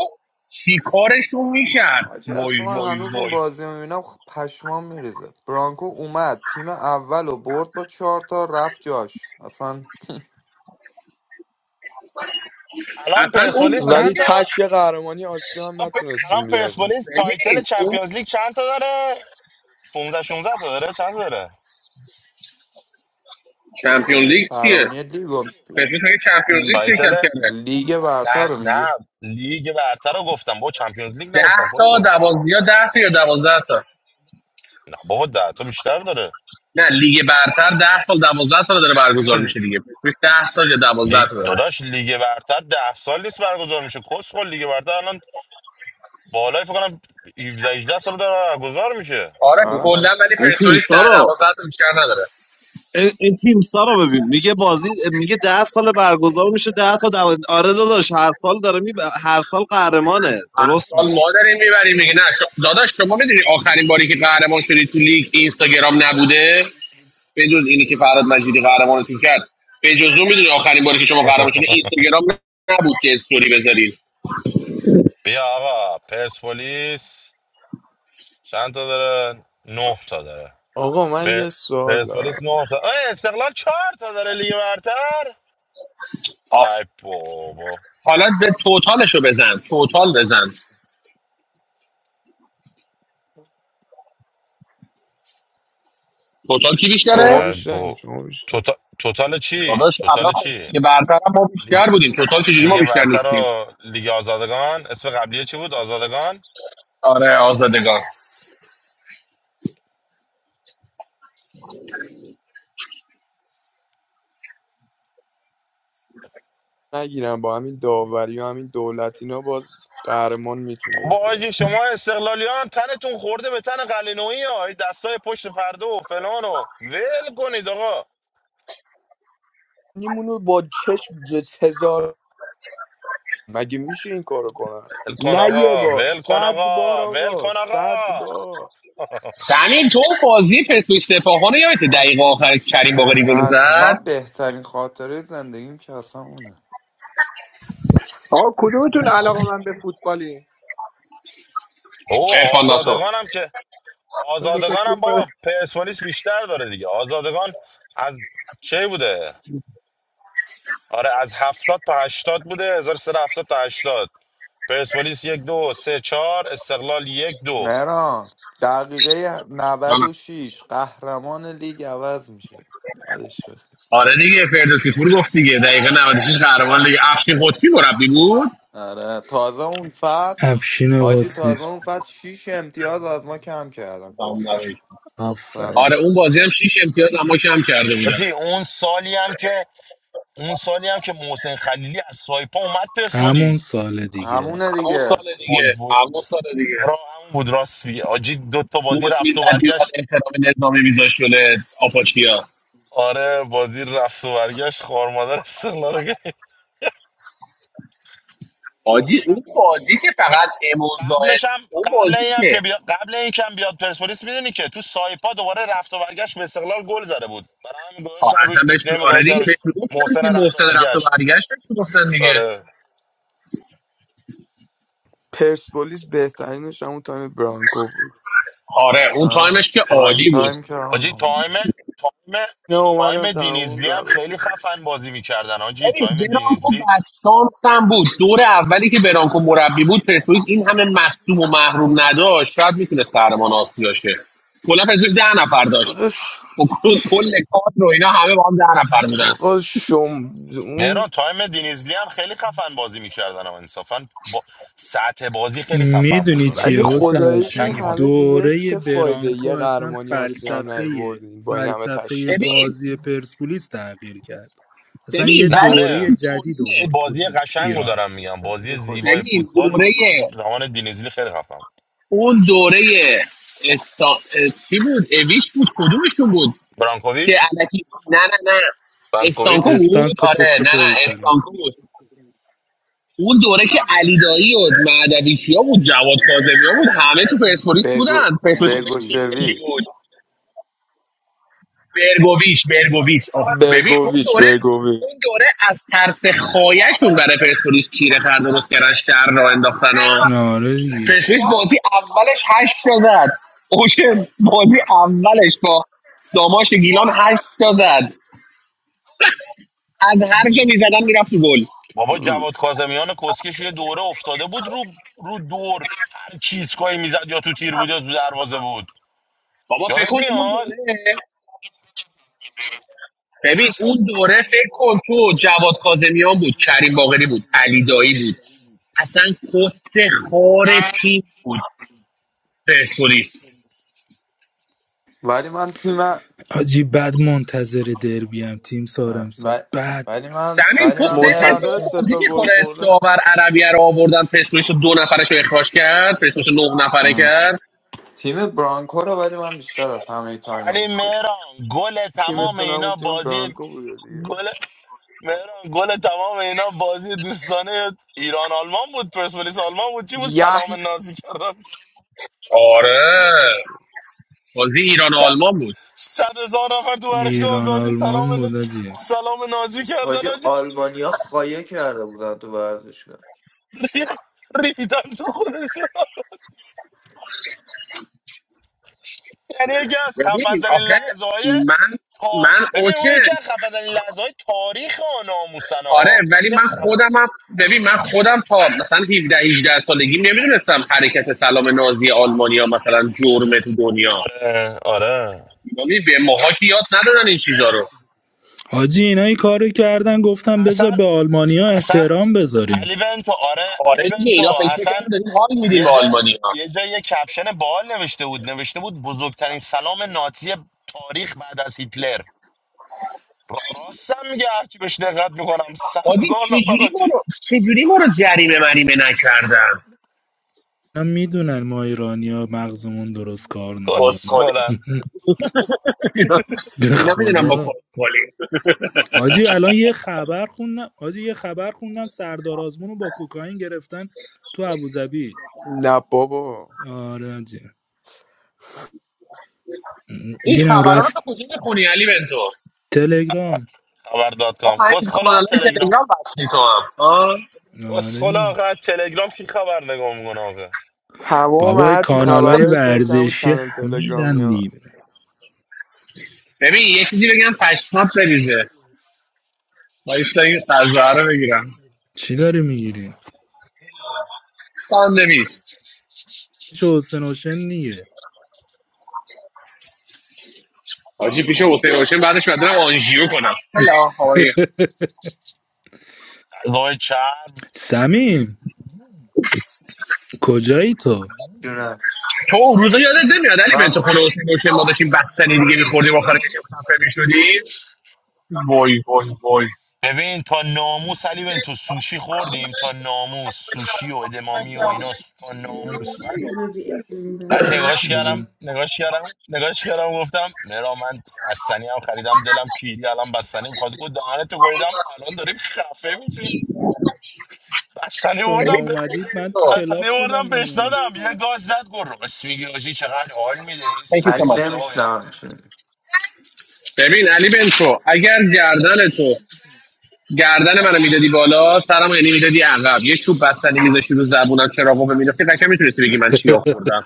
D: چی کارشون میکرد
E: حاجی
D: وای
E: اصلا من
D: وای
E: هنوز اون
D: وای
E: بازی رو میبینم پشمام میریزه برانکو اومد تیم اول و برد با چهار تا رفت جاش اصلا
B: الان
D: اصلا اون
B: پرسپولیس
D: بازی
J: ولی
B: چند تا
D: که
J: تک یه قهرمانی آسیا هم
B: الان پ- الان
J: نتونستیم بیاریم
B: پرسپولیس تایتل
D: ببین اون
B: چمپیونز لیگ چند تا داره 15 16 تا داره چند تا داره
D: چمپیون لیگ چیه
E: قهرمانی لیگ رو-
D: پرسپولیس میگه چمپیون لیگ شرکت
B: تایتل
D: کرده
E: لیگ برتر
B: نه
E: رو
B: نه
E: میگی
B: لیگ برتر رو گفتم با چمپیونز لیگ
D: ده
B: نگفتم
D: تا
B: پسول
D: دوازده یا ده تا یا دوازده تا
B: نه بابا ده تا بیشتر داره
D: نه لیگ برتر ده سال دوازده سال داره برگزار میشه دیگه پرسپولیس ده تا یا دوازده
B: لی...
D: تا داره
B: داداش لیگ برتر ده سال نیست برگزار میشه کسخل لیگ برتر الان بالای فکر کنم 17 18 سال داره برگزار میشه
D: آره کلا
E: آره
D: ولی
C: این
D: پرسپولیس
C: تیمسا
D: ده
C: رو
D: دوازده تا بیشتر نداره
C: این این تیمسا رو ببین میگه بازی میگه ده سال برگزار میشه ده تا دو... آره داداش هر سال داره می... هر سال قهرمانه
D: هر
C: درست
D: سال ما داریم میبریم میگه نه ش- داداش شما میدونی آخرین باری که قهرمان شدی تو لیگ اینستاگرام نبوده به جز اینی که فراد مجیدی قهرمانتون کرد به جز اون میدونی آخرین باری که شما قهرمان شدی اینستاگرام نبود که استوری بذارید
B: بیا آقا پرسپولیس چند تا داره نه تا داره
J: آقا
B: پ...
J: من یه سوال
B: پرسپولیس
J: دارم
B: نه تا آه استقلال چهار تا داره لیگ برتر
D: آ-
B: ای بابا
D: حالا به توتالشو بزن توتال بزن توتال کی بیشتره
J: شما
B: ای
J: بیشتر
B: بابا
J: شما بیشتر
B: توتا... توتال چی
D: داداش الان
B: توتال
D: خب
B: چی
D: دیگه برتر هم ما
B: لیگ
D: بیشتر بودیم توتال چجوری ما
B: لیگ
D: بیشتر
B: برتر
D: نیستیم
B: و لیگ آزادگان اسم قبلیه چی بود آزادگان
D: آره آزادگان
J: نگیرم با همین داوری و همین دولت اینا باز قهرمان میتونه
B: با
J: بشه؟
B: آجی شما استقلالیان تنتون خورده به تن قلینویی ها این دستای پشت پرده و فلان و ول کنید آقا
J: نیمونو با چشم جز هزار مگه میشه این کارو کنن
B: ول کن
J: نه یه
B: آقا
J: بار
B: ول کن
J: صد بار
B: آقا ول
J: آقا
B: کن آقا
J: صد بار
D: سمین تو بازی پتو استفاخانه یادت دقیقه
E: حاجی
D: آخر کریم باقری گل
E: چقدر
D: زد
E: من بهترین خاطره زندگیم که اصلا اونه
L: آقا کدومتون علاقه من به فوتبالی
B: او
D: ارفان ناتو
B: آزادگانم که
L: مثلا دوتا
B: آزادگانم
L: توپ
B: بابا
L: بره
B: پرسپولیس بیشتر داره دیگه آزادگان از چه بوده آره از هفتاد تا هشتاد بوده هزار سر هفتاد تا هشتاد پرسپولیس یک دو سه چهار استقلال یک دو
E: مهران دقیقه نود
D: جانم
E: و شیش قهرمان لیگ عوض میشه یادش بخیر
D: آره دیگه فردوسی پور گفت دیگه دقیقه 96 قهرمان لیگ افشین قطبی مربی بود
E: آره تازه اون فصل
M: افشین
E: حاجی
M: قدسی
E: تازه اون فصل شیش امتیاز از ما کم کردن
D: سلام
E: کسکش
D: علیکم.
E: سلام
M: آفرین
D: آره اون بازی هم 6 امتیاز اما کم کرده بودن
B: آجی اون سالی هم که اون سالی هم که محسن خلیلی از سایپا اومد
M: همون
B: پرسپولیس
M: سال دیگه
E: همونه
D: همون
E: دیگه
D: سال
B: وای
D: دیگه
B: وای
D: همون سال دیگه
B: آره همون بود راست میگه آجی دو تا بازی
D: بود
B: رفت
D: میزد
B: و
D: میومد
B: برگشت
D: احترام نظامی میذاش شده آپاچیا
B: آره بازی رفت و برگشت خارمادر استقلال کرد.
D: حاجی اون بازی که فقط امون زاید
B: قبلش هم
D: اون
B: قبل
D: بازی
B: این هم
D: که
B: که بیا... قبل این که هم بیاد پرسپولیس میدونی که تو سایپا دوباره رفت و برگشت به استقلال گل زده بود برای همین
D: آه،
B: گذاشتن
D: اصلا
B: روش
D: بهشون
B: نیکنیم
D: آره
B: گذاشتن
D: دیگه
B: روش
D: بهشون گفتن
B: محسن
D: دیگه
B: رفت و
D: محسن رفت و
B: برگشت
D: برگشت بهشون گفتن دیگه
B: آره
J: پرسپولیس بهترینش همون تایم برانکو بود
D: آره اون
E: آره
D: تایمش که
E: پرایم
D: عالی بود
E: تایم که
B: آجی
E: همونه
B: تایم تایم
J: نه اومدن
B: تایم
J: تمام
B: دینیزلی هم خیلی
J: روششون
B: خفن بازی میکردن آجی
D: ببین
B: تایم
D: برانکو
B: دینیزلی
D: بستانسم بود دور اولی که برانکو مربی بود پرسپولیس این همه مصدوم و محروم نداشت شاید میتونست قهرمان آسیا شه کلا پرسپولیس ده نفر داشت
J: داداش
D: و کل کل کادر و اینا همه با هم ده نفر بودن
J: آقا شم
B: مهران
J: اون
B: تایم دینیزلی هم خیلی خفن بازی میکردن اما انصافا با سطح بازی خیلی خفن بود
M: میدونی
B: یعنی
J: ولی
M: چیه
B: فوتبال
M: حسین
J: خدایی
B: خ-
J: این
M: حسین
B: قشنگی بازی
J: همه
B: بود.
J: دیگه
M: دوره
J: چه فایده
M: برانکو
J: یه
M: اصلا
J: قهرمانی آسیا هم
M: فلسفه
J: نیوردین با این همه
M: فلسفه
D: ببین
J: تشکیلات
M: بازی پرسپولیس تغییر کرد اصلا یه
D: ببین
B: نه
D: ولی
M: دوره
B: آره
D: اون
M: جدید
D: دوره
B: ولی
M: آورد تو
B: بازی قشنگ رو
M: ایران
B: دارم میگم بازی
E: خیلی خوشمزه
B: زیبای
D: ببین
B: فوتبال
D: دوره
B: زمان دینیزلی خیلی خفن بود
D: اون دوره استا... اه، چی بود اویش بود کدومشون بود که
B: برانکوویچ
D: الکی نه نه نه استانکو
B: برانکوویچ
D: بود
M: استانکو
D: آره نه نه
M: پوکلوپوویچ آره.
D: استانکو بود اون دوره که علیدایی و مهدویچیا بود جواد کاظمی بود همه تو پرسپولیس بودن
E: بگو
D: پرسپولیس خودش
M: چیز
D: تیم
M: بود
D: ملی بود
E: بگوشویچ
D: برگوویچ برگوویچ آه. ببین اون
J: برگوویچ
D: دوره
J: برگوویچ
D: اون دوره از ترس خایشون برای پرسپولیس کیره خر درست کردن شر را انداختن و
M: آره دیگه
D: پرسپولیس بازی اولش هشت تا زد اوشن بازی اولش با داماش گیلان هشت تا زد از هر جا میزدن میرفت تو گل
B: بابا جواد کاظمیان کسکش یه دوره افتاده بود رو رو دور هر چیز کاری میزد یا تو تیر بود یا تو دروازه بود
D: بابا فکر
B: یادت
D: کن اون
B: میاد
D: دوره ببین اون دوره فکر کن تو جواد کاظمیان بود کریم باقری بود علی دایی بود اصلا کست خار تیم بود پرسپولیس
E: ولی من تیم اه،
M: حاجی بعد منتظر دربی هم تیم سار امسال
E: و-
M: بعد
E: ولی من
D: سمین
E: ولی
D: تو
E: من مهران
D: سنت به
J: منتظر
D: اون
E: تیم
J: سه
D: بازی
J: تا گل
D: میخوره
J: خوردن
D: داور عربیه رو آوردن پرسپولیس رو دو نفرش رو اخراج کرد پرسپولیس رو نه نفره
E: اه.
D: کرد
E: تیم برانکو رو ولی من بیشتر از همه تایم ها
B: ولی
E: دوست داشتم
B: مهران گل تمام
J: تیمتون همون
B: اینا
J: تیم
B: بازی
J: برانکو بوده دیگه
B: گل مهران گل تمام اینا بازی دوستانه ایران آلمان بود پرسپولیس آلمان بود چی بود سلام
J: یحیی
B: نازی کردن
D: آره
J: هم خوب بود
D: بازی ایران و
B: صد
D: آلمان بود
B: صد هزار نفر تو ورشگاه
M: ایران
B: آزادی سلام
M: آلمان بود
B: ن...
M: حاجی.
B: سلام نازی کردن (laughs)
E: حاجی
B: حاجی.
E: آلمانیا خایه کرده بودن تو ورزشگاه
B: ری- ریدن تو خودشون یعنی یکی از خفن
D: ببین
B: ترین
D: آخه
B: لحظه های
D: من
B: تا
D: من
B: ببین اون یکی
D: اوکی
B: از خفن ترین لحظه های تاریخ ها ناموسن
D: آره
B: ها اون
D: ولی
B: یکی از
D: من
B: خف...
D: خودم هم ببین من خودم تا مثلا 17 18 سالگی نمیدونستم حرکت سلام نازی آلمانیا مثلا جرمه تو دنیا
B: آره آره
D: یعنی به ماها که یاد ندادن این چیزا رو
M: حاجی اینا این کارو کردن گفتم بذار
B: اصلا
M: به آلمانیا
B: اصلا
M: احترام بذاریم
B: علی بنتو آره علی
D: آره دیگه
B: بنتو
D: اینا فکر می‌کردن
B: اصلا
D: داریم حال میدیم
B: یه
D: به
B: جا
D: آلمانیا
B: یه جا یه کپشن باحال نوشته بود نوشته بود بزرگترین سلام نازی تاریخ بعد از هیتلر را- راستم میگه هرچی بهش دقت میکنم سر
D: حاجی
B: هزار نفر
D: چجوری ما
B: آجی
D: رو چجوری ما رو جریمه مریمه نکردن
M: اینا میدونن ما ایرانیا مغزمون درست کار نمیکنه
D: کسخالی (laughs)
B: کسخولن
M: (laughs)
D: اینا
M: به
D: اینا میدونم با
M: خدا
D: کسخالی
M: حاجی الان یه خبر خوندم حاجی یه خبر خوندم سردار آزمون رو با کوکائین گرفتن تو ابوظبی
J: نه بابا
M: آره حاجی
D: این
M: اینم
D: خبرها رو
M: رفت
D: تا کجا میخونی علی بنتو
M: تلگرام
B: خبر دات
D: آه
B: کام
D: این
B: کسخولا از
D: کانال های
B: تلگرام
D: تلگرام بستی تو هم
M: آره
B: کسخولا
M: دیگه
B: آقا از تلگرام کی خبر نگاه میکنه آقا
J: تمام
M: بابای
J: هرچی
M: کانالای
J: خبرهای فکر همون
M: ورزشی
J: چنل تلگرامی
M: همیدن
J: هست
M: دیگه
D: ببین یه چیزی بگم پشمات بریزه وایستا این غذا رو بگیرم
M: چی داری میگیری
D: ساندویچ
M: چه حسین حسین دیگه
D: حاجی پیش حسین باشه بعدش بعد برم آنژیو کنم هلا هوایی
B: وای چرب
M: سمیم کجایی تو
E: جونه
D: تو اون روزا یادت نمیاد علی بنت
E: من
D: خود حسین باشه ما داشتیم بستنی دیگه میخوردیم آخر کشم خفه میشدیم وای وای وای
B: ببین تا ناموس علی ببین تو سوشی خوردیم تا ناموس سوشی و ادمامی و اینا تا ناموس بعد
M: اینو ببین اینو ببین برات
B: بعد نگاش کردم
M: فرستادم
B: نگاش کردم نگاش کردم گفتم مرا من بستنی هم خریدم دلم کیری الان بستنی میخواد گفت دهنتو گویدم الان داریم خفه میشیم بستنی
M: شما
D: ببین
B: بردم به
D: علی
M: اومدید من تو
D: بنتو
M: کلاب
B: بستنی بردم
M: بودم
B: بهش
M: دیگه
B: دادم یه گاز زد گفت راست میگی آجی چقدر حال میده این
D: Thank you
B: سوی
D: so
E: علی
D: much.
B: سوسا و اینا
E: نمیشنم
D: ببین علی بنتو اگر گردن تو گردن منو میدادی بالا سرمو یعنی میدادی عقب یه چوب بستنی میذاشتی رو زبونم چراغو مینداختی قشنگ میتونستی بگی من چی
M: (laughs)
D: آوردم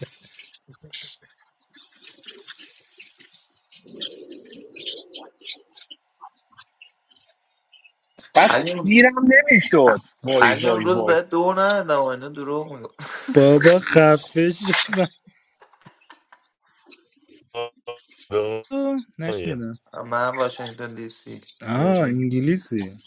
D: بعد
E: علی
D: گیرم نمیشد وای
E: علی
D: وای
E: اون روز
D: وای
E: به دو ندادم و اینا دروغ میگم
M: بابا خفش نشنیدم
E: من واشنگتن دی سی
M: آه
E: ویرجین
M: انگلیسی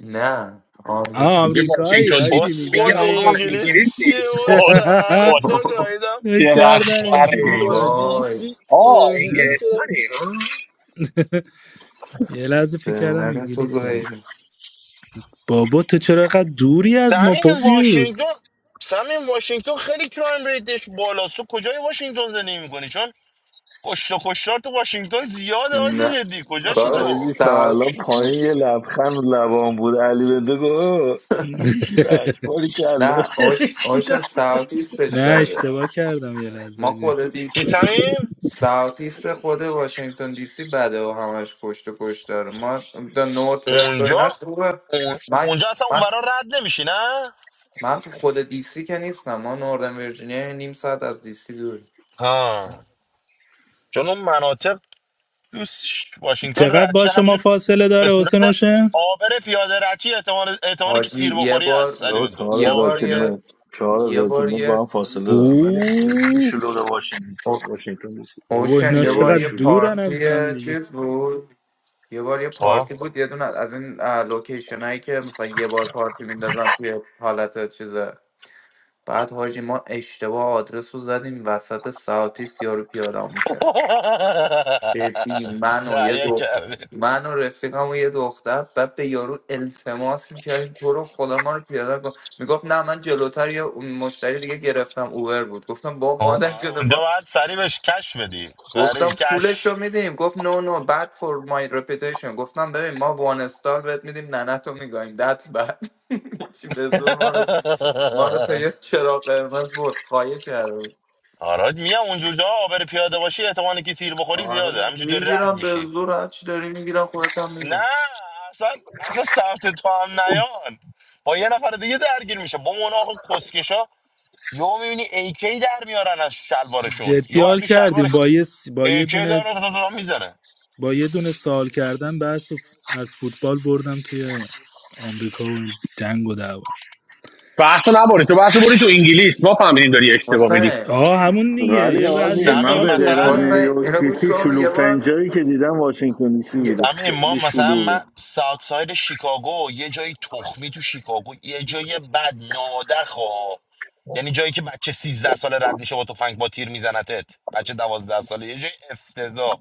E: نه آمریکا
M: آه
D: دیگه
M: آمریکایی
D: واشنگتن دی
M: آجی
D: سی میگه
B: کسخل
M: میگم این
D: آقا
M: واشنگتن
B: انگلیس
D: انگلیسی
B: چیه و
D: خود کن
M: (laughs)
B: دهنتو
E: (laughs)
B: گاییدم
M: فکر
D: چقدر
M: کردم
D: خره
M: انگلیس
B: واشنگتن
M: آجی
B: دی
E: وای
B: سی
D: آه
B: انگلیس
M: نه
D: انگلستانی ها
M: (laughs) یه لحظه فکر کردم
E: دهنه تو
M: انگلیس آجی
E: گاییدم.
M: بابا تو چرا اینقدر دوری از ما
B: سمیم
M: پوفیوز
B: واشنگتن سمیم واشنگتن خیلی کرایم ریتش بالاست تو کجای واشنگتن زندگی میکنی چون کشت و کشتار تو واشنگتن زیاده آجی
E: نه
B: جدی کجاشی
E: داداش
N: حاجی
B: تو
N: تا
E: سعودی
N: الان
E: اون-
N: پایین یه لبخند لبان بود علی بنده گفت "اوه، انگلیشی به
M: (laughs)
N: اجباری که الله
E: نه اوش اوشن
N: ترکیدم
E: ساوت ایستش
M: نه
E: بده
M: اشتباه کردم یه
E: ما
M: لحظه
E: خود
B: چی
E: دیس
B: سمیم
E: ساوت ایست خود واشنگتن دی سی بده و همش کشت و کشت داره ما دا نورت وست و
B: اونجا
E: ایناش خوبه
B: اون...
E: من
B: اونجا اصلا
E: من
B: اونورا رد نمیشی نه
E: من تو خود دی سی که نیستم ما نوردن ویرجینیا نیم ساعت از دی سی دور
B: ها چون اون مناطق تو ش- واشنگتن
M: چقدر با
B: ردشه
M: شما
B: همینجور
M: فاصله
B: به
M: داره
B: صورت
M: حسین حسین
B: آبر پیاده رچی احتمال احتمال که
E: حاجی
B: تیر
E: یه
B: بخوری
E: بار
B: هست علی
N: بابا
B: بندو
N: چهار
E: یه
N: هزار
E: بار
B: آبر پیاده
E: یه
N: کیلومتر چهار
E: یه
N: هزار
E: بار
N: کیلومتر با
E: یه
N: هم فاصله دارم ولی خیلی
M: اوه
N: شلوغه واشنگتن دیسی واشنگتن دیسی
M: بابا
E: اوشن
M: اینا
E: یه بار
M: چقدر
N: خیلی
E: یه
N: شلوغه
M: دورن از
E: پارتی
M: هم دیگه
E: چیز بود یه بار یه
B: خب
E: پارتی بود یه دونه از این لوکیشن هایی که مثلا یه بار پارتی میندازن توی حالت چیزه بعد حاجی ما اشتباه آدرس رو زدیم وسط ساعتیس یارو پیاده هم میکرد ببین من
B: (laughs)
E: و یه
B: دعیه
E: دختر من و رفیقم و یه دختر بعد به یارو التماس میکردیم تو رو خدا ما رو پیاده کن میگفت نه من جلوتر یه مشتری دیگه گرفتم اوبر بود گفتم با
B: آه،
E: مادر شده
B: اونجا
E: ما
B: باید سریع بهش کش بدی سریع
E: گفتم پولش
B: کش
E: رو میدیم گفت نو نو بد فور مای رپیتیشن گفتم ببین ما وان استار بهت میدیم ننه تو میگایم دت بد (laughs) چی به زور ما رو ما رو تا
B: (laughs)
E: یه چرا قرمز برد خواهی کرد
B: آراج میام اونجور جا آبر پیاده باشی احتمال که تیر بخوری
E: آره
B: زیاده همینجوری رد
E: میگیرم به
B: میشی
E: زور هرچی داری میگیرم خودت هم
B: نه
E: میگم
B: اصلا اصلا سمت تو هم نیان با یه نفر دیگه درگیر میشه با اون آقا کسکشا یهو میبینی ایکی در میارن از شلوارشون
M: جدی
B: یهو از
M: حال
B: تو شلوارش
M: کردیم با یه س- با یه
B: ایکی در
M: دونه
B: میاره، تا تا تا میزنه
M: با یه دونه سال کردن بحث ف- از فوتبال بردم توی آمریکا و این جنگ و دعوا
D: بحث رو نباری تو بحث رو بری تو انگلیس ما فهمیدیم داری اشتباه می‌ری
E: حسین
M: آه همون دیگه
N: ولی
M: یه بعد
N: آجی
M: یه
N: من
B: سمیم
M: سال
N: به غیر
B: مثلا
N: از
M: پرسیدم
E: حسین
N: نیویورک
E: اینا گوش
N: سیتی
E: کنم یه
N: شلوغ‌ترین
E: بار
N: جایی که دیدم واشنگتن دیسی
E: یه
N: بوده
B: زمین ما
N: خیلی
B: مثلا
N: شلوغه
B: من ساوت ساید شیکاگو یه جایی تخمی تو شیکاگو یه جایی بد نادر خواه یعنی جایی که بچه 13 ساله رد میشه با تفنگ با تیر میزنتت بچه دوازده ساله یه جای افتضاح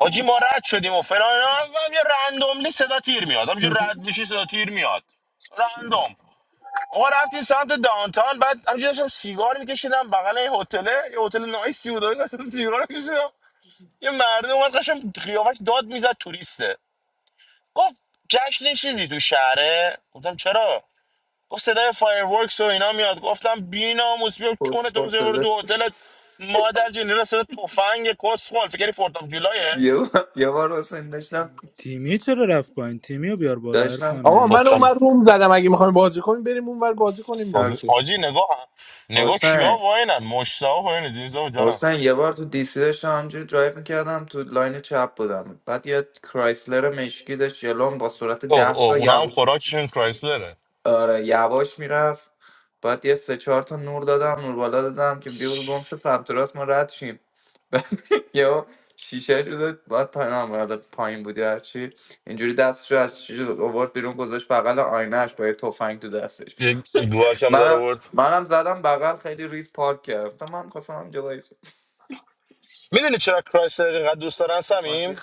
B: حاجی ما رد شدیم و فلان اینا. هم یه رندوملی صدا تیر میاد همینجور
E: (laughs)
B: رد میشی صدا تیر میاد رندوم آقا رفتیم سمت دانتان بعد همینجور داشتم سیگار میکشیدم بغل یه هتله یه هتل نایسی بود و اینا. سیگار میکشیدم یه مردم اومد قشنگ قیافش داد میزد توریسته گفت جشن چیزی تو شهره گفتم چرا گفت صدای فایرورکس و اینا میاد گفتم بی ناموس بیا چون
E: پس-
B: تو
E: پس
B: بزنی برو
E: شده.
B: تو هتلت مادر جنی را صدا تفنگ کس فکری فورت آف جولایه
E: یه بار یه بار حسین داشتم
M: تیمی چرا رفت پایین تیمی رو بیار بالا
E: داشتم
M: عرفان
L: آقا
E: چیز-
L: من
M: عزیز.
B: کستاس
L: اونور روم زدم اگه میخوایم بازی کنیم بریم اونور بازی
B: کستاس
L: کنیم دیگه
E: اوکی
B: آجی نگاه نگاه کیا
E: حسین
B: واینن مشتاق واینه دیزا جانم
E: حسین یه بار تو دیسی داشتم همجوری درایو میکردم تو لاین چپ بودم بعد یه کرایسلر مشکی داشت جلوم با سرعت
B: اوه
E: ده
B: اوه
E: تا
B: اونا هم
E: یواش
B: خوراکشون کرایسلره
E: آره یواش میرفت بعد یه سه چهار تا نور دادم نور بالا دادم که بیول گم شد سمت راست ما رد شیم یهو شیشه شده بعد پنام بالا پایین بودی هرچی اینجوری دستش رو از شیشه آورد بیرون گذاشت بغل آینهش با یه تفنگ تو دستش
B: یک گواش هم داره
E: منم
B: ورد
E: منم زدم بغل خیلی ریز پارک کردم تا من خواستم هم جلوی
B: میدونی چرا کرایسلر اینقدر دوست دارن سمیم
E: ماشین